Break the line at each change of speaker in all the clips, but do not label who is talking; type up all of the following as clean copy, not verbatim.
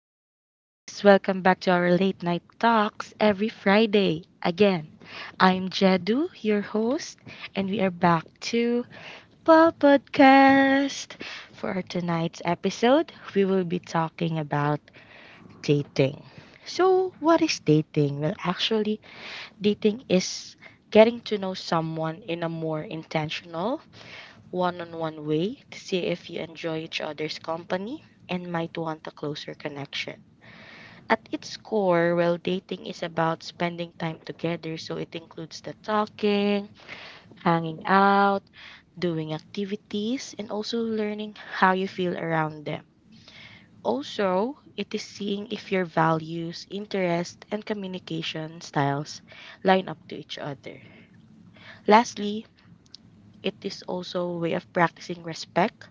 Hi, guys. Welcome back to our late night talks every Friday. Again, I'm Jedu, your host, and we are back to Paw Podcast. For our tonight's episode, we will be talking about dating. So, what is dating? Well, actually, dating is getting to know someone in a more intentional, one on one way to see if you enjoy each other's company and might want a closer connection. At its core, well, dating is about spending time together. So it includes the talking, hanging out, doing activities, and also learning how you feel around them. Also, it is seeing if your values, interests, and communication styles line up to each other. Lastly, it is also a way of practicing respect,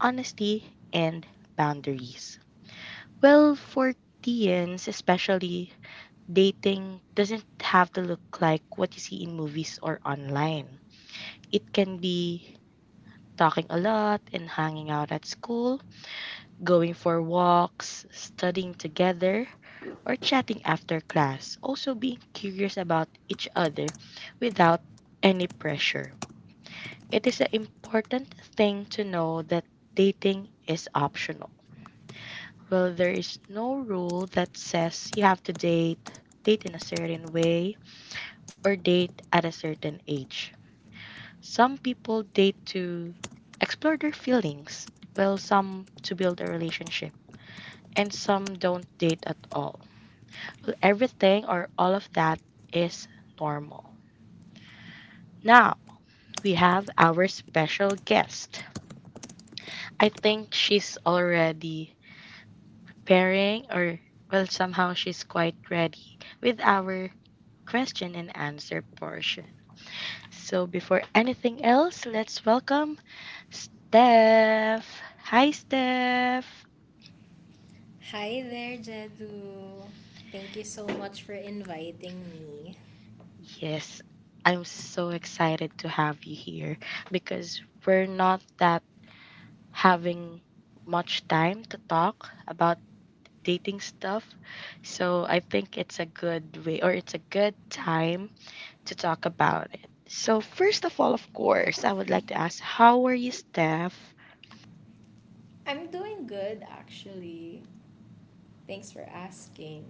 honesty, and boundaries. Well, for teens, especially, dating doesn't have to look like what you see in movies or online. It can be talking a lot and hanging out at school, going for walks, studying together, or chatting after class. Also, being curious about each other without any pressure. It is an important thing to know that dating is optional. Well, there is no rule that says you have to date, date in a certain way, or date at a certain age. Some people date to explore their feelings, while some to build a relationship, and some don't date at all. Everything or all of that is normal. Now, we have our special guest. I think she's already pairing, or well, somehow she's quite ready with our question and answer portion. So before anything else, let's welcome Steph. Hi, Steph.
Hi there, Jedu. Thank you so much for inviting me.
Yes, I'm so excited to have you here because we're not that having much time to talk about dating stuff. So I think it's a good way, or it's a good time to talk about it. So, first of all, of course, I would like to ask how are you, Steph?
I'm doing good actually. Thanks for asking.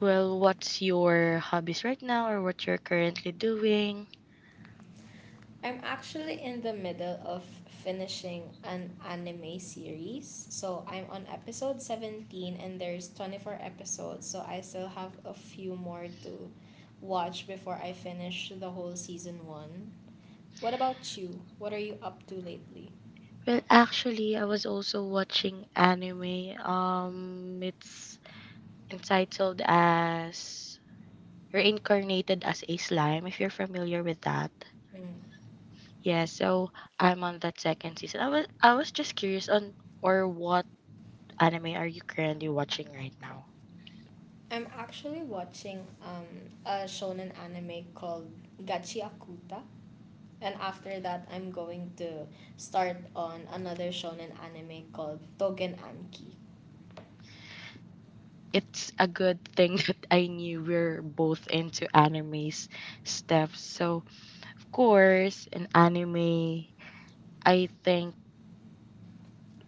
Well, what's your hobbies right now, or what you're currently doing?
I'm actually in the middle of finishing an anime series. So I'm on episode 17 and there's 24 episodes, so I still have a few more to watch before I finish the whole season 1. What about you? What are you up to lately?
Well, actually, I was also watching anime. It's entitled as Reincarnated as a Slime, if you're familiar with that.
Mm.
Yeah, so I'm on that second season. I was just curious on, or what anime are you currently watching right now?
I'm actually watching a shonen anime called Gachi Akuta, and after that, I'm going to start on another shonen anime called Togen Anki.
It's a good thing that I knew we're both into animes, stuff. So of course, an anime. I think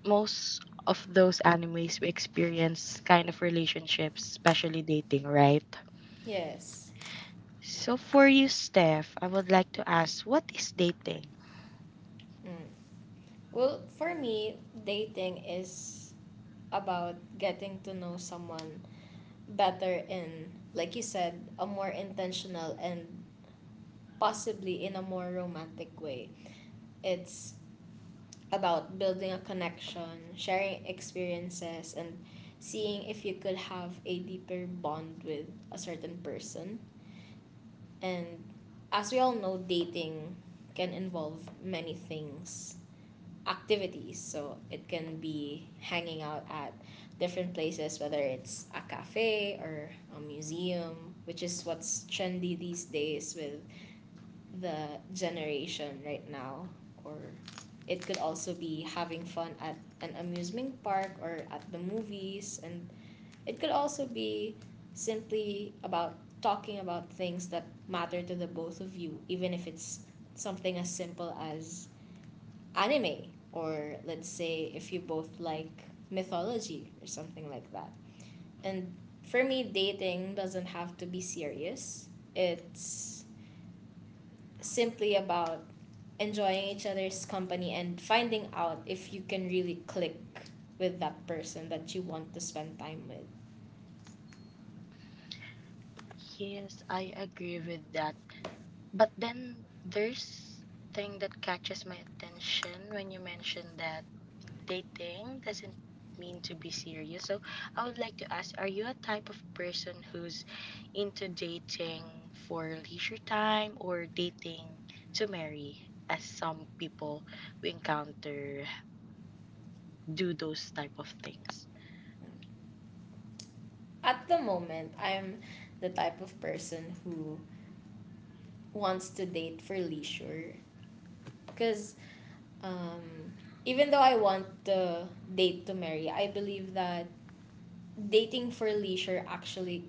most of those animes we experience kind of relationships, especially dating, right?
Yes.
So for you, Steph, I would like to ask, what is dating?
Mm. Well, for me, dating is about getting to know someone better in, like you said, a more intentional and possibly in a more romantic way. It's about building a connection, sharing experiences, and seeing if you could have a deeper bond with a certain person. And as we all know, dating can involve many things, activities. So it can be hanging out at different places, whether it's a cafe or a museum, which is what's trendy these days with the generation right now, or it could also be having fun at an amusement park or at the movies, and it could also be simply about talking about things that matter to the both of you, even if it's something as simple as anime, or let's say if you both like mythology or something like that. And for me, dating doesn't have to be serious. It's simply about enjoying each other's company and finding out if you can really click with that person that you want to spend time with.
Yes, I agree with that. But then there's thing that catches my attention when you mention that dating doesn't mean to be serious. So I would like to ask, are you a type of person who's into dating for leisure time or dating to marry? As some people we encounter do those type of things.
At the moment, I'm the type of person who wants to date for leisure because um, even though I want to date to marry, I believe that dating for leisure actually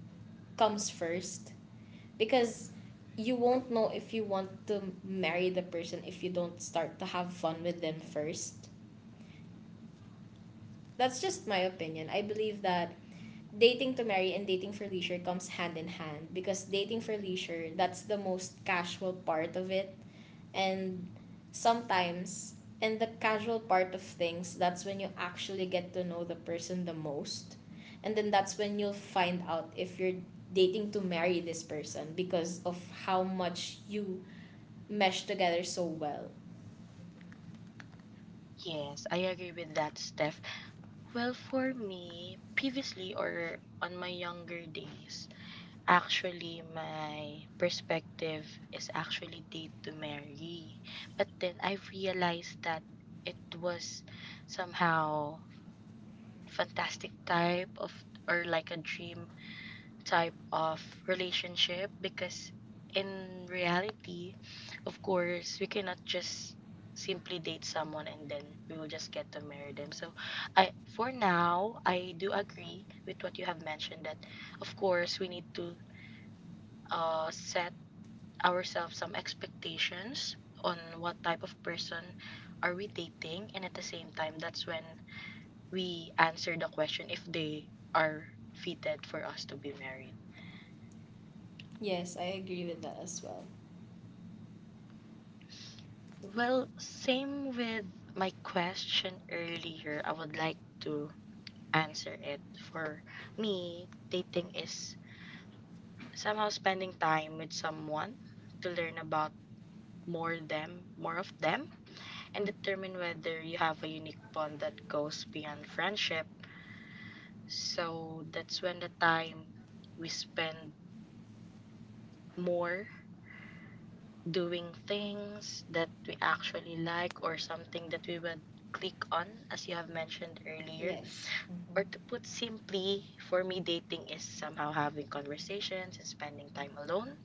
comes first because you won't know if you want to marry the person if you don't start to have fun with them first. That's just my opinion. I believe that dating to marry and dating for leisure comes hand in hand because dating for leisure, that's the most casual part of it. And sometimes in the casual part of things, that's when you actually get to know the person the most. And then that's when you'll find out if you're dating to marry this person because of how much you mesh together so well.
Yes, I agree with that, Steph. Well, for me, previously or on my younger days, actually, my perspective is actually date to marry. But then I've realized that it was somehow fantastic type of, or like a dream type of relationship because in reality, of course, we cannot just simply date someone and then we will just get to marry them. So I, for now, I do agree with what you have mentioned that of course we need to set ourselves some expectations on what type of person are we dating, and at the same time that's when we answer the question if they are fitted for us to be married.
Yes, I agree with that as well.
Well, same with my question earlier, I would like to answer it. For me, dating is somehow spending time with someone to learn about more of them and determine whether you have a unique bond that goes beyond friendship. So that's when the time we spend more doing things that we actually like or something that we would click on, as you have mentioned earlier.
Yes. Mm-hmm.
Or to put simply, for me, dating is somehow having conversations and spending time alone,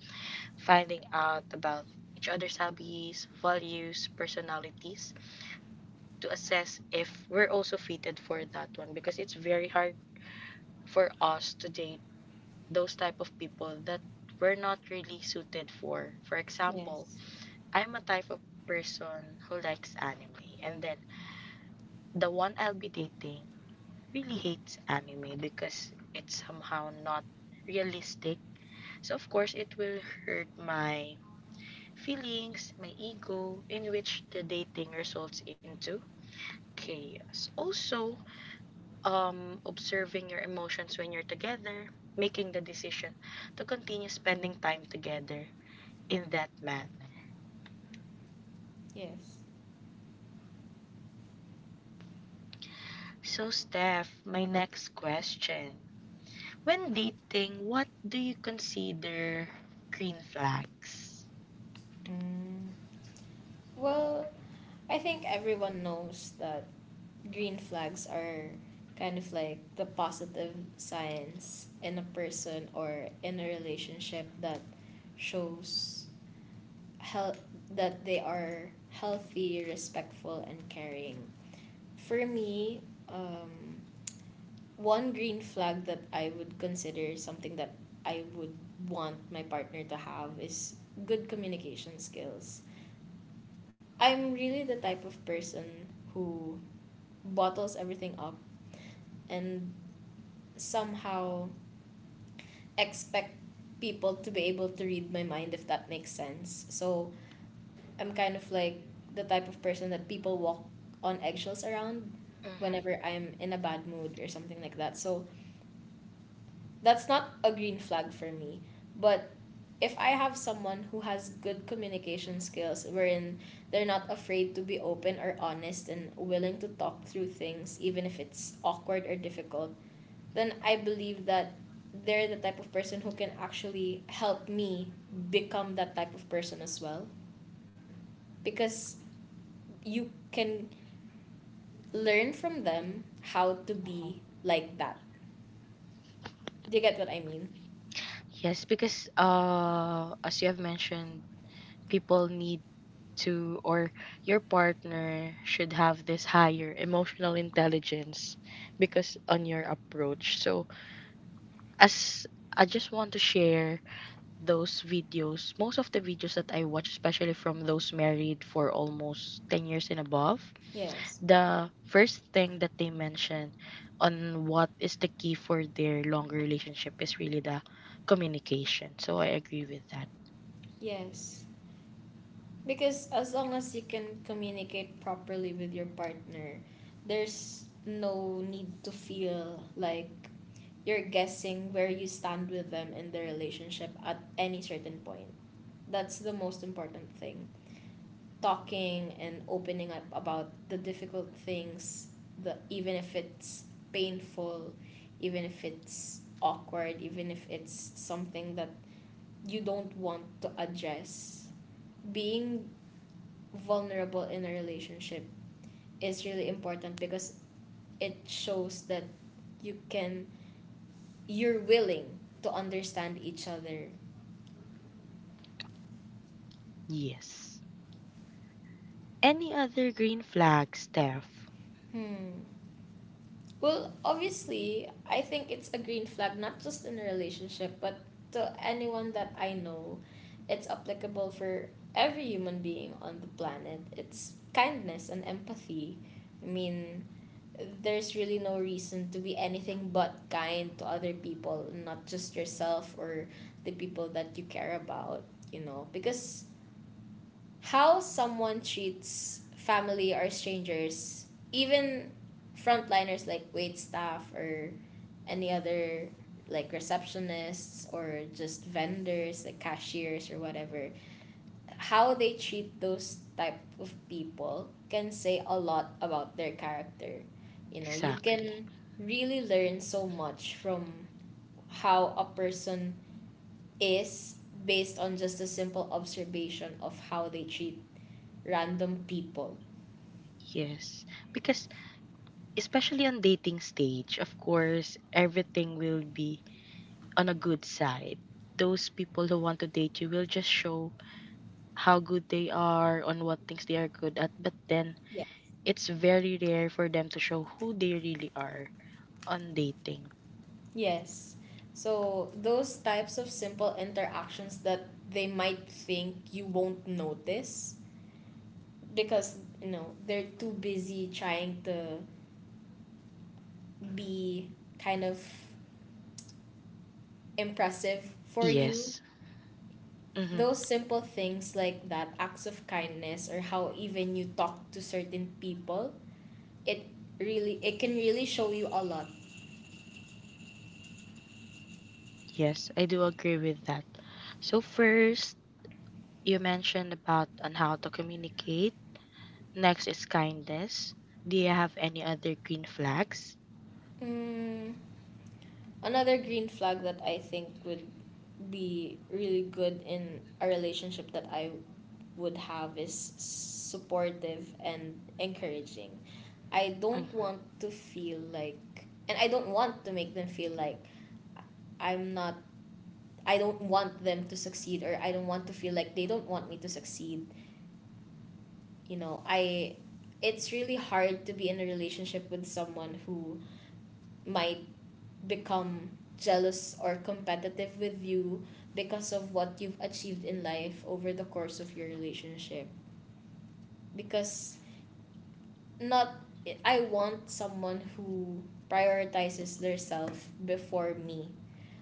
finding out about each other's hobbies, values, personalities to assess if we're also fitted for that one because it's very hard for us today those type of people that we're not really suited for. For example,
Yes.
I'm a type of person who likes anime, and then the one I'll be dating really hates anime because it's somehow not realistic. So of course it will hurt my feelings, my ego, in which the dating results into chaos. Also, observing your emotions when you're together, making the decision to continue spending time together in that manner.
Yes.
So, Steph, my next question. When dating, what do you consider green flags?
Mm. Well, I think everyone knows that green flags are kind of like the positive signs in a person or in a relationship that shows health, that they are healthy, respectful, and caring. For me, um, one green flag that I would consider something that I would want my partner to have is good communication skills. I'm really the type of person who bottles everything up and somehow expect people to be able to read my mind, if that makes sense. So I'm kind of like the type of person that people walk on eggshells around whenever
Mm-hmm.
I'm in a bad mood or something like that. So that's not a green flag for me. But if I have someone who has good communication skills wherein they're not afraid to be open or honest and willing to talk through things even if it's awkward or difficult, then I believe that they're the type of person who can actually help me become that type of person as well because you can learn from them how to
Uh-huh.
be like that. Do you get what I mean?
Yes, because as you have mentioned, people need to, or your partner should have this higher emotional intelligence because on your approach. So, as I just want to share those videos, most of the videos that I watch, especially from those married for almost 10 years and above,
Yes.
the first thing that they mention on what is the key for their longer relationship is really the communication. So I agree with that.
Yes. Because as long as you can communicate properly with your partner, there's no need to feel like you're guessing where you stand with them in the relationship at any certain point. That's the most important thing. Talking and opening up about the difficult things, the even if it's painful, even if it's awkward, even if it's something that you don't want to address, being vulnerable in a relationship is really important because it shows that you can you're willing to understand each other.
Yes. Any other green flags, Steph?
Hmm. Well, obviously, I think it's a green flag not just in a relationship but to anyone that I know. It's applicable for every human being on the planet. It's kindness and empathy. I mean, there's really no reason to be anything but kind to other people, not just yourself or the people that you care about, you know, because how someone treats family or strangers, even frontliners like wait staff or any other like receptionists or just vendors like cashiers or whatever, how they treat those type of people can say a lot about their character. You know, you
Exactly.
can really learn so much from how a person is based on just a simple observation of how they treat random people.
Yes. Because especially on dating stage, of course, everything will be on a good side. Those people who want to date you will just show how good they are, on what things they are good at, but then
Yeah.
it's very rare for them to show who they really are on dating.
Yes. So those types of simple interactions that they might think you won't notice because you know they're too busy trying to be kind of impressive for you,
Yes. Mm-hmm.
those simple things like that, acts of kindness or how even you talk to certain people, it really, it can really show you a lot.
Yes, I do agree with that. So first, you mentioned about on how to communicate. Next is kindness. Do you have any other green flags?
Mm, another green flag that I think would be really good in a relationship that I would have is supportive and encouraging. I don't
Mm-hmm.
want to feel like, and I don't want to make them feel like I'm not, I don't want them to succeed or I don't want to feel like they don't want me to succeed. You know, I it's really hard to be in a relationship with someone who might become jealous or competitive with you because of what you've achieved in life over the course of your relationship because not I want someone who prioritizes their self before me.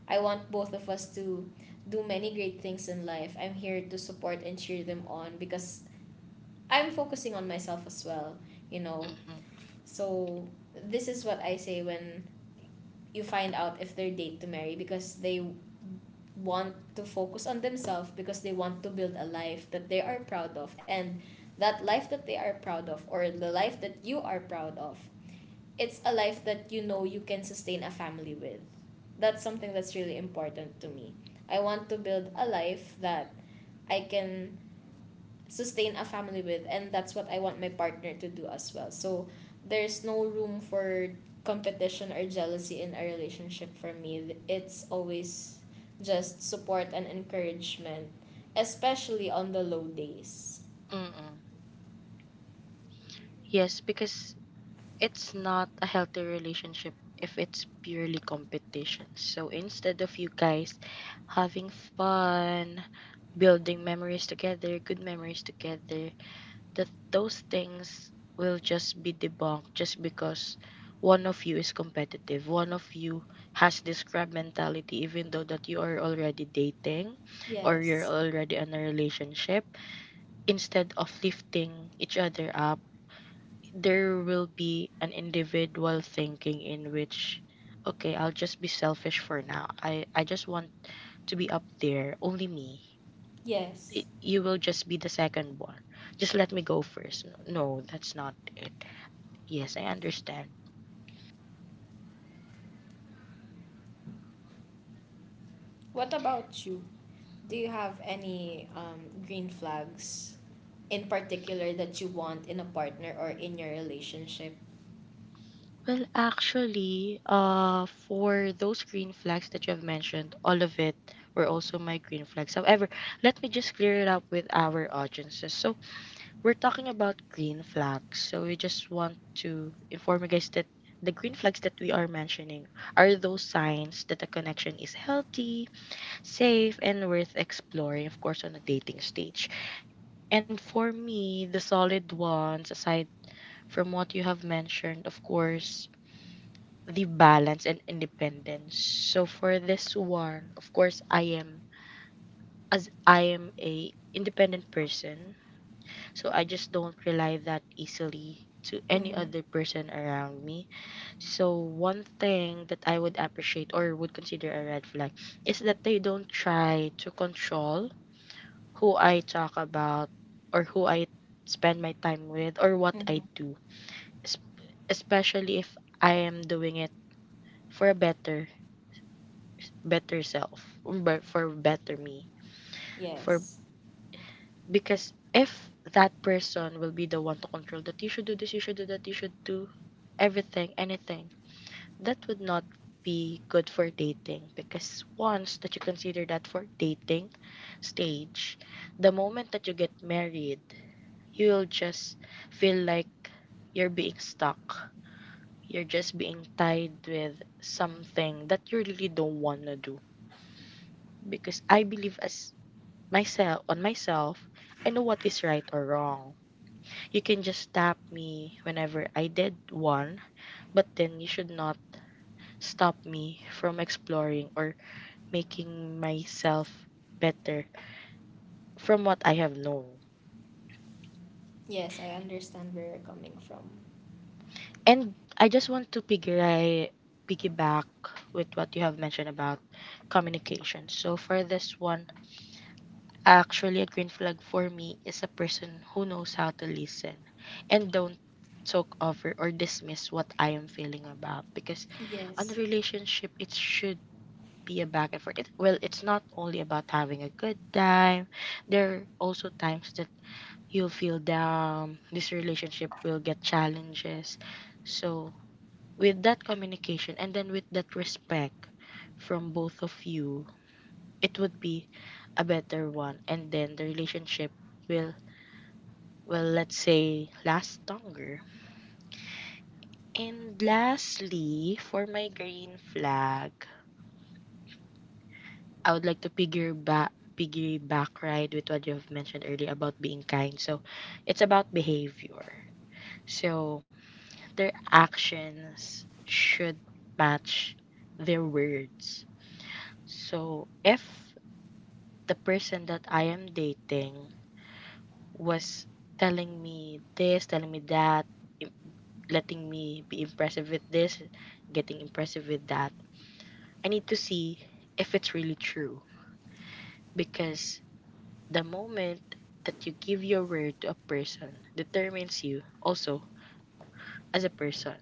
I want both of us to do many great things in life. I'm here to support and cheer them on because I'm focusing on myself as well, you know.
Mm-hmm.
So this is what I say when you find out if they're date to marry, because they want to focus on themselves because they want to build a life that they are proud of, and that life that they are proud of, or the life that you are proud of, it's a life that you know you can sustain a family with. That's something that's really important to me. I want to build a life that I can sustain a family with, and that's what I want my partner to do as well. So there's no room for competition or jealousy in a relationship for me. It's always just support and encouragement, especially on the low days.
Mm-hmm. Yes, because it's not a healthy relationship if it's purely competition. So instead of you guys having fun, building memories together, good memories together, that, those things will just be debunked just because one of you is competitive. One of you has this crab mentality, even though that you are already dating or you're
Yes.
already in a relationship. Instead of lifting each other up, there will be an individual thinking in which, okay, I'll just be selfish for now. I just want to be up there, only me. Y-
Yes.
you will just be the second one. Just let me go first. No, no, that's not it. Yes, I understand.
What about you? Do you have any green flags in particular that you want in a partner or in your relationship?
Well, actually, for those green flags that you have mentioned, all of it were also my green flags. However, let me just clear it up with our audiences. So we're talking about green flags. So we just want to inform you guys that the green flags that we are mentioning are those signs that a connection is healthy, safe, and worth exploring, of course, on a dating stage. And for me, the solid ones, aside from what you have mentioned, of course, the balance and independence. So for this one, of course, I am, as I am a independent person, so I just don't rely that easily to any
Mm-hmm.
other person around me. So one thing that I would appreciate, or would consider a red flag, is that they don't try to control who I talk about or who I spend my time with or what I
Mm-hmm.
do, es- especially if I am doing it for a better self, but for better me, for
Yes.
because if that person will be the one to control that you should do this, you should do that, you should do everything, anything, that would not be good for dating. Because once that you consider that for dating stage, the moment that you get married, you'll just feel like you're being stuck. You're just being tied with something that you really don't want to do. Because I believe as myself on myself, I know what is right or wrong. You can just tap me whenever I did one, but then you should not stop me from exploring or making myself better from what I have known.
Yes, I understand where you're coming from.
And I just want to piggyback with what you have mentioned about communication. So for this one, actually a green flag for me is a person who knows how to listen and don't talk over or dismiss what I am feeling about because on a
Yes.
relationship it should be a back and forth. It, well, it's not only about having a good time. There are also times that you'll feel down. This relationship will get challenges. So, with that communication and then with that respect from both of you, it would be a better one. And then the relationship will, well, let's say, last longer. And lastly, for my green flag, I would like to figure back piggyback right with what you've mentioned earlier about being kind. So it's about behavior. So their actions should match their words. So if the person that I am dating was telling me this, telling me that, im- letting me be impressive with this, getting impressive with that, I need to see if it's really true because the moment that you give your word to a person determines you also as a person.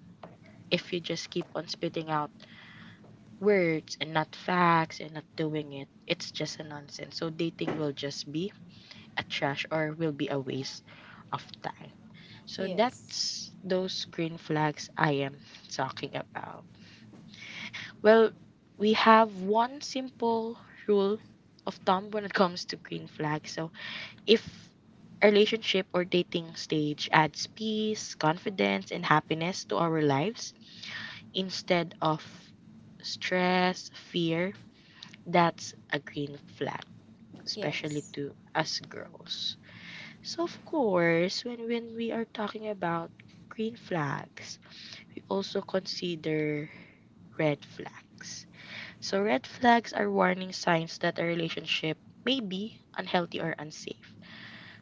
If you just keep on spitting out words and not facts and not doing it, it's just a nonsense. So dating will just be a trash or will be a waste of time. So
Yes.
that's those green flags I am talking about. Well, we have one simple rule of thumb when it comes to green flags. So if a relationship or dating stage adds peace, confidence, and happiness to our lives instead of stress, fear, that's a green flag, especially
Yes.
to us girls. So of course, when we are talking about green flags, we also consider red flags. So red flags are warning signs that a relationship may be unhealthy or unsafe.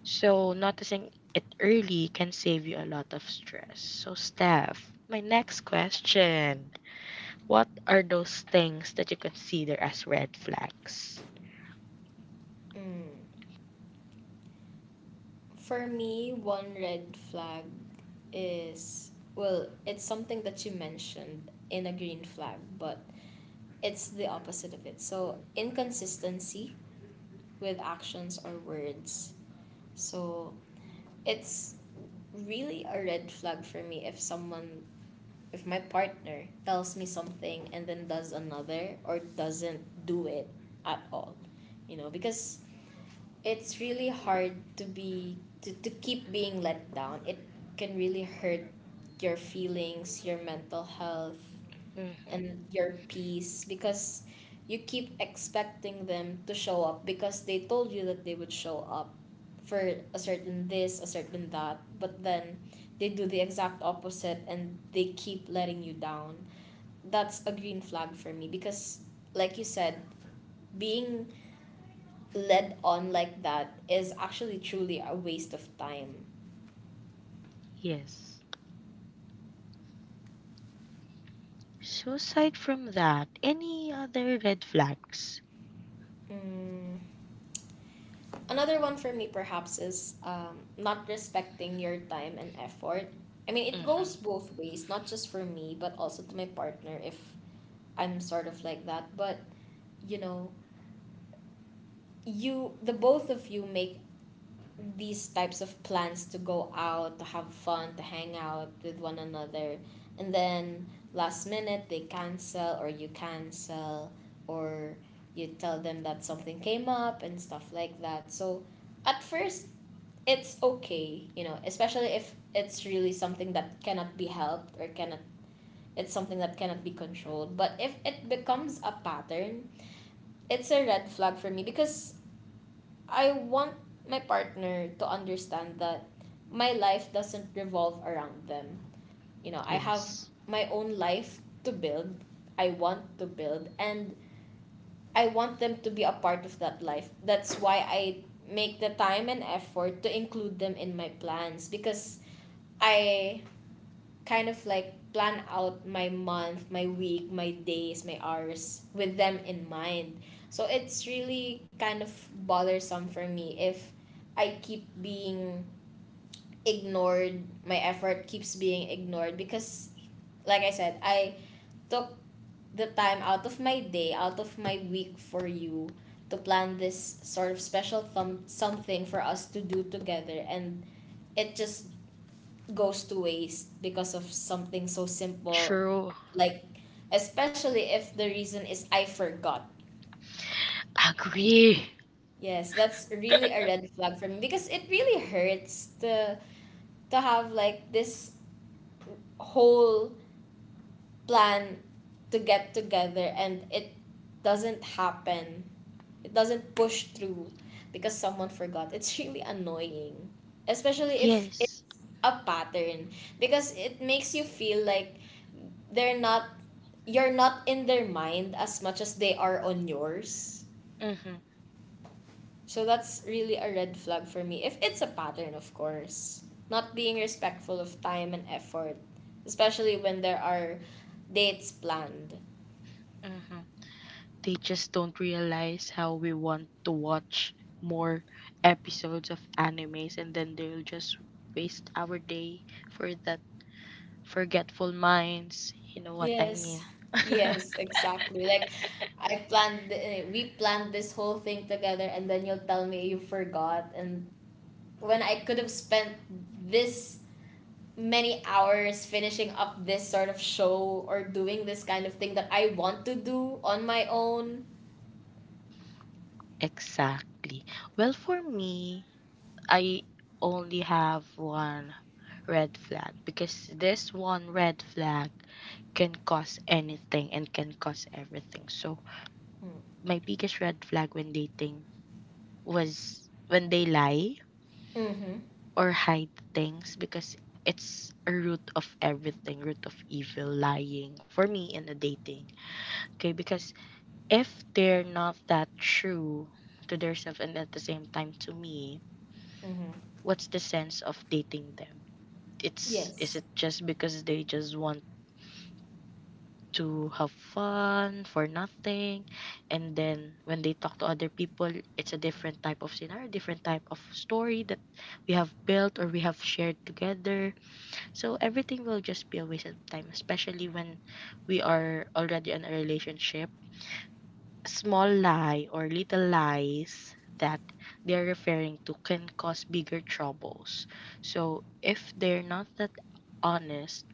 So, noticing it early can save you a lot of stress. So, Steph, my next question: what are those things that you consider as red flags?
Mm. For me, one red flag is, well, it's something that you mentioned in a green flag, but it's the opposite of it. So, inconsistency with actions or words. So, it's really a red flag for me if someone, if my partner tells me something and then does another or doesn't do it at all, you know, because it's really hard to be to keep being let down. It can really hurt your feelings, your mental health,
Mm-hmm.
and your peace because you keep expecting them to show up because they told you that they would show up for a certain this, a certain that, but then they do the exact opposite and they keep letting you down. That's a green flag for me because, like you said, being led on like that is actually truly a waste of time.
Yes. So, aside from that, any other red flags?
Mm. Another one for me, perhaps, is not respecting your time and effort. I mean, it
Mm-hmm.
goes both ways, not just for me, but also to my partner if I'm sort of like that. But, you know, the both of you make these types of plans to go out, to have fun, to hang out with one another. And then last minute, they cancel, or you tell them that something came up and stuff like that. So, at first it's okay, you know, especially if it's really something that cannot be helped or cannot, it's something that cannot be controlled. But if it becomes a pattern, it's a red flag for me because I want my partner to understand that my life doesn't revolve around them. You know, I have
Yes.
my own life to build, I want to build, and I want them to be a part of that life. That's why I make the time and effort to include them in my plans because I kind of like plan out my month, my week, my days, my hours with them in mind. So it's really kind of bothersome for me if I keep being ignored, my effort keeps being ignored because, like I said, I took the time out of my day, out of my week for you to plan this sort of special something for us to do together, and it just goes to waste because of something so simple,
True.
like, especially if the reason is, I forgot.
Agree.
Yes, that's really a red flag for me because it really hurts to have like this whole plan to get together, and it doesn't happen, it doesn't push through because someone forgot. It's really annoying, especially if
Yes.
it's a pattern, because it makes you feel like they're not you're not in their mind as much as they are on yours.
Mm-hmm.
So that's really a red flag for me. If it's a pattern, of course. Not being respectful of time and effort, especially when there are dates planned.
They just don't realize how we want to watch more episodes of animes and then they'll just waste our day for that forgetful minds. You know what I
Yes.
mean?
Yes, exactly. Like, I planned th- eh, we planned this whole thing together and then you'll tell me you forgot, and when I could have spent this many hours finishing up this sort of show or doing this kind of thing that I want to do on my own.
Exactly. Well, for me, I only have one red flag because this one red flag can cause anything and can cause everything. So, my biggest red flag when dating was when they lie
Mm-hmm.
or hide things because it's a root of everything, root of evil, lying for me in the dating. Okay, because if they're not that true to themselves and at the same time to me,
Mm-hmm.
what's the sense of dating them? It's, is
Yes.
it just because they just want to have fun for nothing, and then when they talk to other people it's a different type of scenario, different type of story that we have built or we have shared together. So everything will just be a waste of time, especially when we are already in a relationship. Small lie or little lies that they're referring to can cause bigger troubles. So if they're not that honest,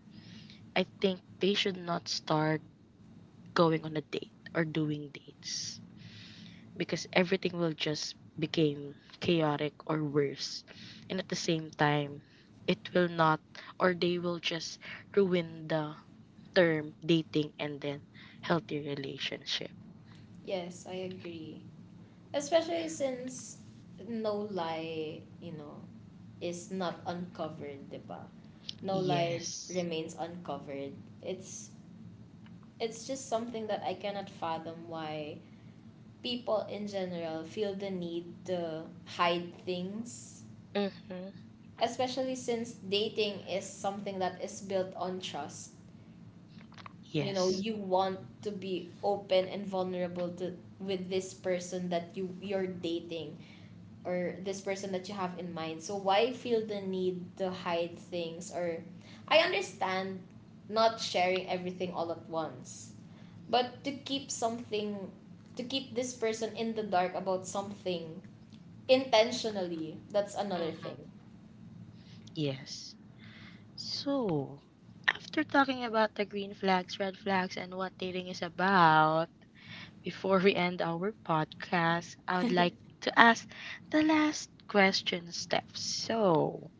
I think they should not start going on a date or doing dates because everything will just become chaotic or worse. And at the same time, it will not, or they will just ruin the term dating and then healthy relationship.
Yes, I agree. Especially since no lie, is not uncovered, di ba? No lie
Yes.
remains uncovered. It's it's just something that I cannot fathom why people in general feel the need to hide things,
Mm-hmm.
especially since dating is something that is built on trust. You know,
Yes.
you want to be open and vulnerable to with this person that you're dating, or this person that you have in mind. So why feel the need to hide things? Or, I understand not sharing everything all at once, but to keep this person in the dark about something intentionally, that's another
Mm-hmm.
thing.
Yes. So, after talking about the green flags, red flags, and what dating is about, before we end our podcast, I would like to ask the last question, Steph. So,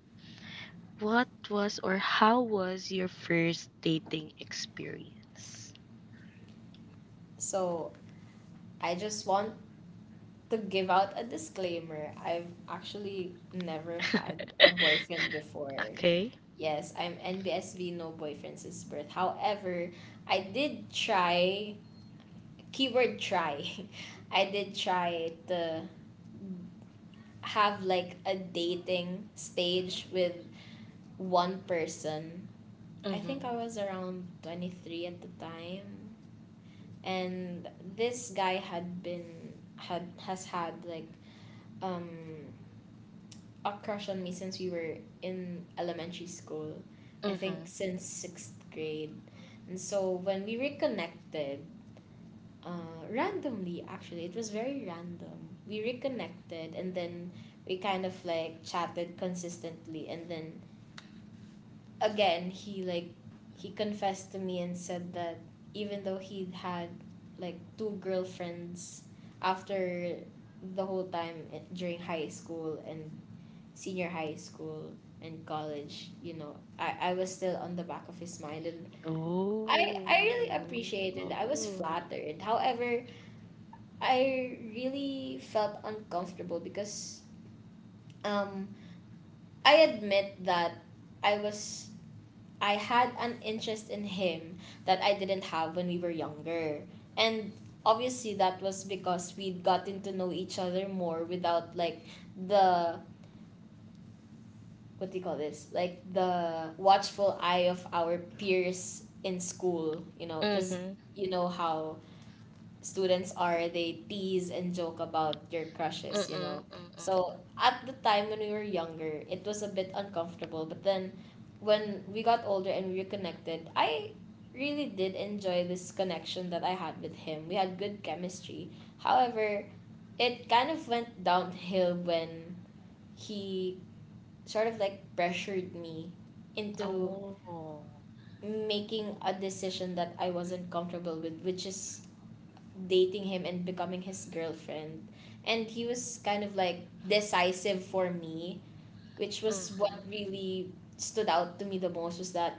what was, or how was your first dating experience?
So I just want to give out a disclaimer, I've actually never had a boyfriend before.
Okay.
Yes, I'm NBSV, no boyfriend since birth. However, I did try, keyword try, I did try to have like a dating stage with one person. I think
Mm-hmm.
I was around 23 at the time. And this guy has had um, a crush on me since we were in elementary school. I think since sixth grade. And so when we reconnected, randomly, actually, it was very random. We reconnected and then we kind of like chatted consistently. And then again, he confessed to me and said that even though he'd had like two girlfriends after the whole time, during high school and senior high school and college, you know, I was still on the back of his mind. And I really
Oh,
appreciated, I was
oo.
flattered. However, I really felt uncomfortable because, um I admit that I was I had an interest in him that I didn't have when we were younger. And obviously that was because we'd gotten to know each other more without, like, the, what do you call this, like, the watchful eye of our peers in school. You know, because
Mhm.
you know how students are, they tease and joke about your
Mm,
crushes, you know.
mm.
So at the time when we were younger it was a bit uncomfortable, but then when we got older and we reconnected, I really did enjoy this connection that I had with him. We had good chemistry. However, it kind of went downhill when he sort of like pressured me into
Oh.
making a decision that I wasn't comfortable with, which is dating him and becoming his girlfriend. And he was kind of like decisive for me, which was what
Mhm.
really stood out to me the most, was that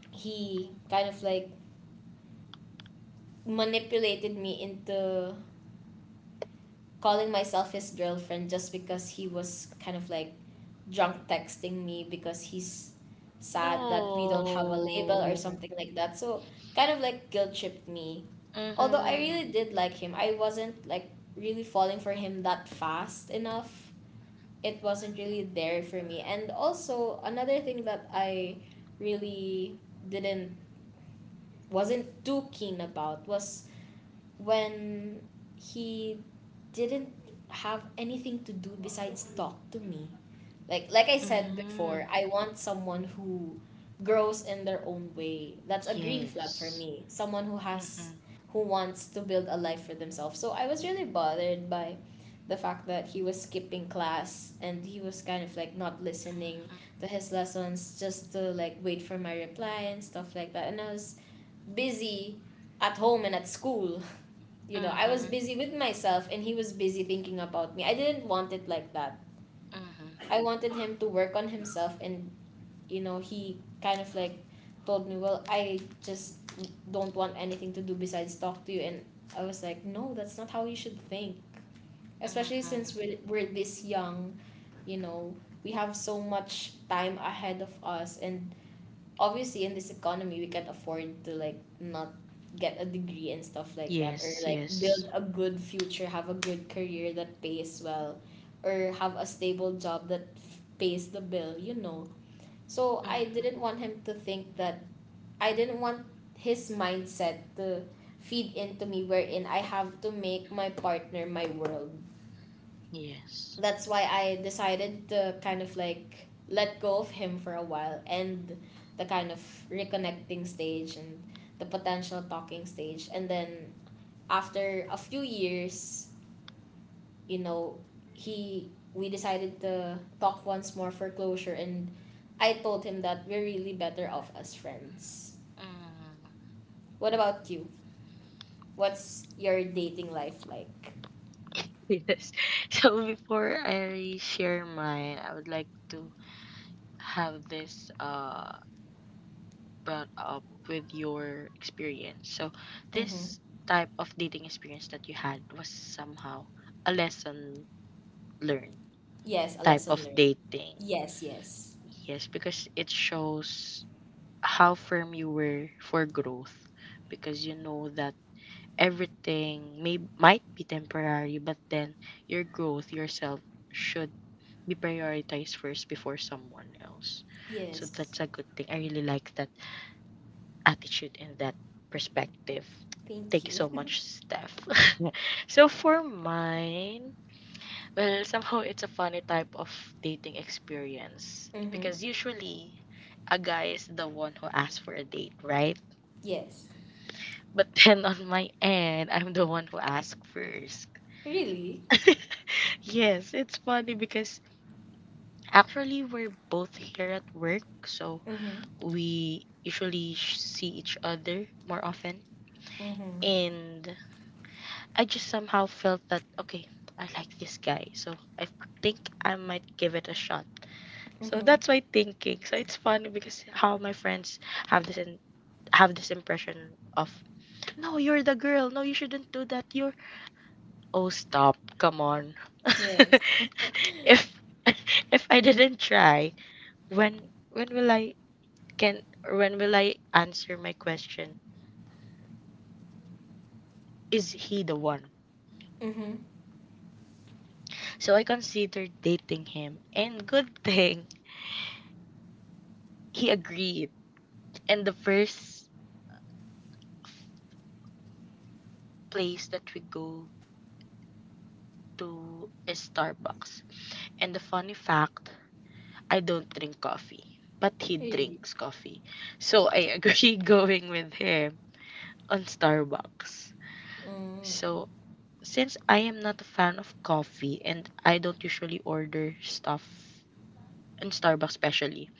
he kind of like manipulated me into calling myself his girlfriend just because he was kind of like drunk texting me because he's sad that we don't have a label or
No.
something like that. So kind of like guilt tripped me. Although I really
Mhm.
did like him, I wasn't like really falling for him that fast enough. It wasn't really there for me. And also another thing that I really didn't wasn't too keen about was when he didn't have anything to do besides talk to me. Like I said before,
Mhm.
I want someone who grows in their own way. That's a green flag for
Yes.
me. Someone
Mhm.
who wants to build a life for themselves. So I was really bothered by the fact that he was skipping class and he was kind of like not listening
Mhm.
to his lessons, just to like wait for my reply and stuff like that. And I was busy at home and at school. You know, I was
Mhm.
busy with myself and he was busy thinking about me. I didn't want it like that.
Mhm.
I wanted him to work on himself, and, you know, he kind of like told me, "Well, I just don't want anything to do besides talk to you." And I was like, "No, that's not how you should think. Especially since
Mhm.
we're this young, you know, we have so much time ahead of us." And obviously, in this economy, we can afford to, like, not get a degree and stuff like that, or
Yes,
like
yes.
build a good future, have a good career that pays well, or have a stable job that pays the bill, you know. So I
Mhm.
didn't want him to think that, I didn't want his mindset to feed into me wherein I have to make my partner my world.
Yes.
That's why I decided to kind of like let go of him for a while, and the kind of reconnecting stage, and the potential talking stage. And then after a few years, you know, he we decided to talk once more for closure, and I told him that we're really better off as friends.
Mm.
What about you? What's your dating life like?
Yes. So before I share mine, I would like to have this brought up with your experience. So,
Mm-hmm.
this type of dating experience that you had was somehow a lesson learned
Yes, a
type
lesson
of
learned.
dating.
Yes, yes.
Yes, because it shows how firm you were for growth, because you know that everything may might be temporary but then your growth, yourself, should be prioritized first before someone else. So
Yes.
that's a good thing. I really like that attitude and that perspective.
Thank
Thank you
you.
so much, Steph. So for mine, well, somehow it's a funny type of dating experience
Mm-hmm.
because usually a guy is the one who asks for a date, right?
Yes.
But then on my end, I'm the one who asks first.
Really?
Yes, it's funny because actually we're both here at work, so
Mm-hmm.
we usually see each other more often.
Mm-hmm.
And I just somehow felt that, okay, I like this guy, so I think I might give it a shot. So
Mm-hmm.
that's my thinking. So it's funny because how my friends have this and have this impression of, no, you're the girl. No, you shouldn't do that. You're, oh, stop. Come on.
Yes.
if if I didn't try, when when will I can when will I answer my question? Is he the one?
Mm-hmm.
So I considered dating him, and good thing he agreed. And the first place that we go to is Starbucks. And the funny fact, I don't drink coffee, but he
Really?
drinks coffee. So I agree going with him on Starbucks.
Mm.
So since I am not a fan of coffee and I don't usually order stuff in Starbucks especially,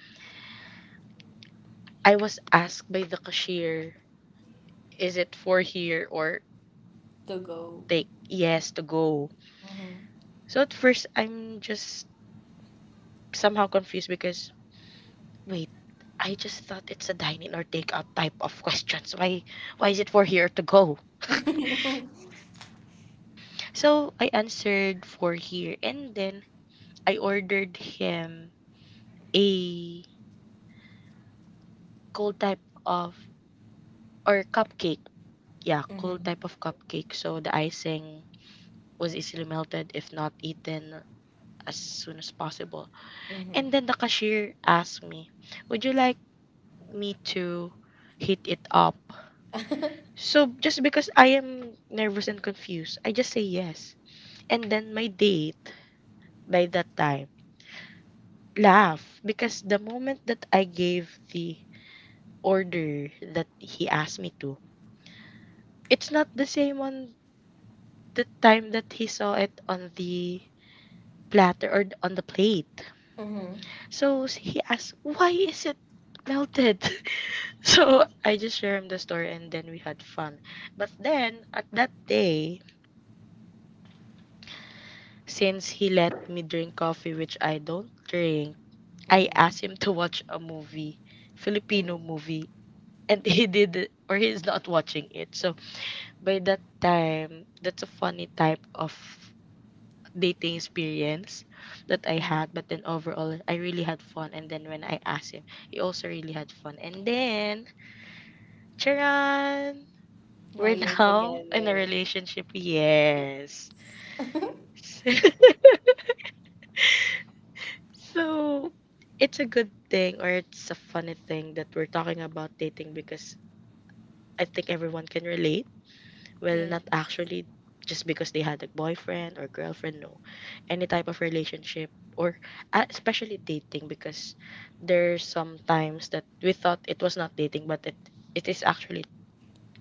I was asked by the cashier, is it for here or
To go.
take yes to go?
Mm-hmm.
So at first I'm just somehow confused because, wait, I just thought it's a dine-in or take-out type of questions. Why is it for here to go? So I answered for here, and then I ordered him a cold type of, or cupcake. Yeah, cold
Mm-hmm.
type of cupcake. So the icing was easily melted if not eaten as soon as possible.
Mm-hmm.
And then the cashier asked me, would you like me to heat it up? So just because I am nervous and confused, I just say yes. And then my date by that time laugh because the moment that I gave the order that he asked me to, it's not the same on the time that he saw it on the platter or on the plate.
Mm-hmm.
So he asked, "Why is it melted?" So I just share him the story and then we had fun. But then at that day, since he let me drink coffee, which I don't drink, I
Mm-hmm.
asked him to watch a movie,
Mm.
Filipino movie, and he did it, or he's not watching it. So by that time, that's a funny type of dating experience that I
Mm.
had. But then overall, I really had fun. And then when I asked him, he also really had fun. And then, charan,
Now
we're
you're
now in a
together.
relationship. Yes.
Yeah.
So, it's a good thing or it's a funny thing that we're talking about dating because I think everyone can relate. Well,
Yeah.
not actually just because they had a boyfriend or girlfriend, no. Any type of relationship or especially dating, because there's some times that we thought it was not dating but it is actually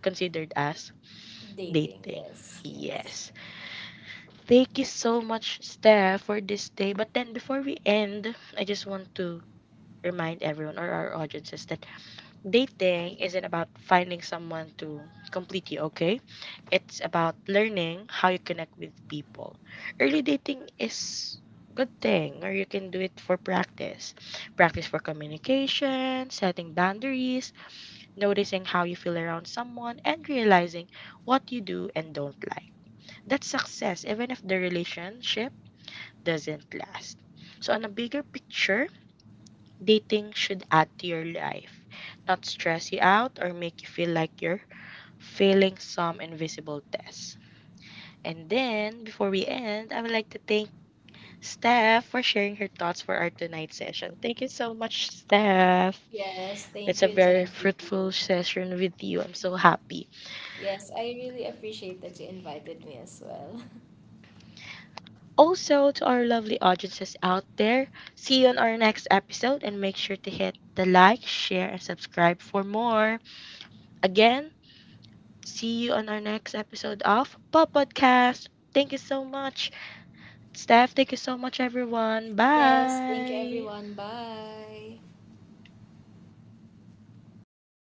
considered as
Dating.
dating.
Yes. Yes.
Yes. Thank you so much, Steph, for this day. But then before we end, I just want to remind everyone or our audiences that dating isn't about finding someone to complete you, okay? It's about learning how you connect with people. Early dating is good thing or you can do it for practice. Practice for communication, setting boundaries, noticing how you feel around someone and realizing what you do and don't like. That's success even if the relationship doesn't last. So on a bigger picture, dating should add to your life, not stress you out or make you feel like you're failing some invisible test. And then, before we end, I would like to thank Steph for sharing her thoughts for our tonight's session. Thank you so much, Steph.
Yes.
That's
Thank
a
you,
very
Jadu.
fruitful session with you. I'm so happy.
Yes, I really appreciate that you invited me as well.
Also, to our lovely audiences out there, see you on our next episode and make sure to hit the like, share, and subscribe for more. Again, see you on our next episode of Pop Podcast. Thank you so much, Steph. Thank you so much, everyone.
Yes. Thank you,
Bye.
everyone. Bye.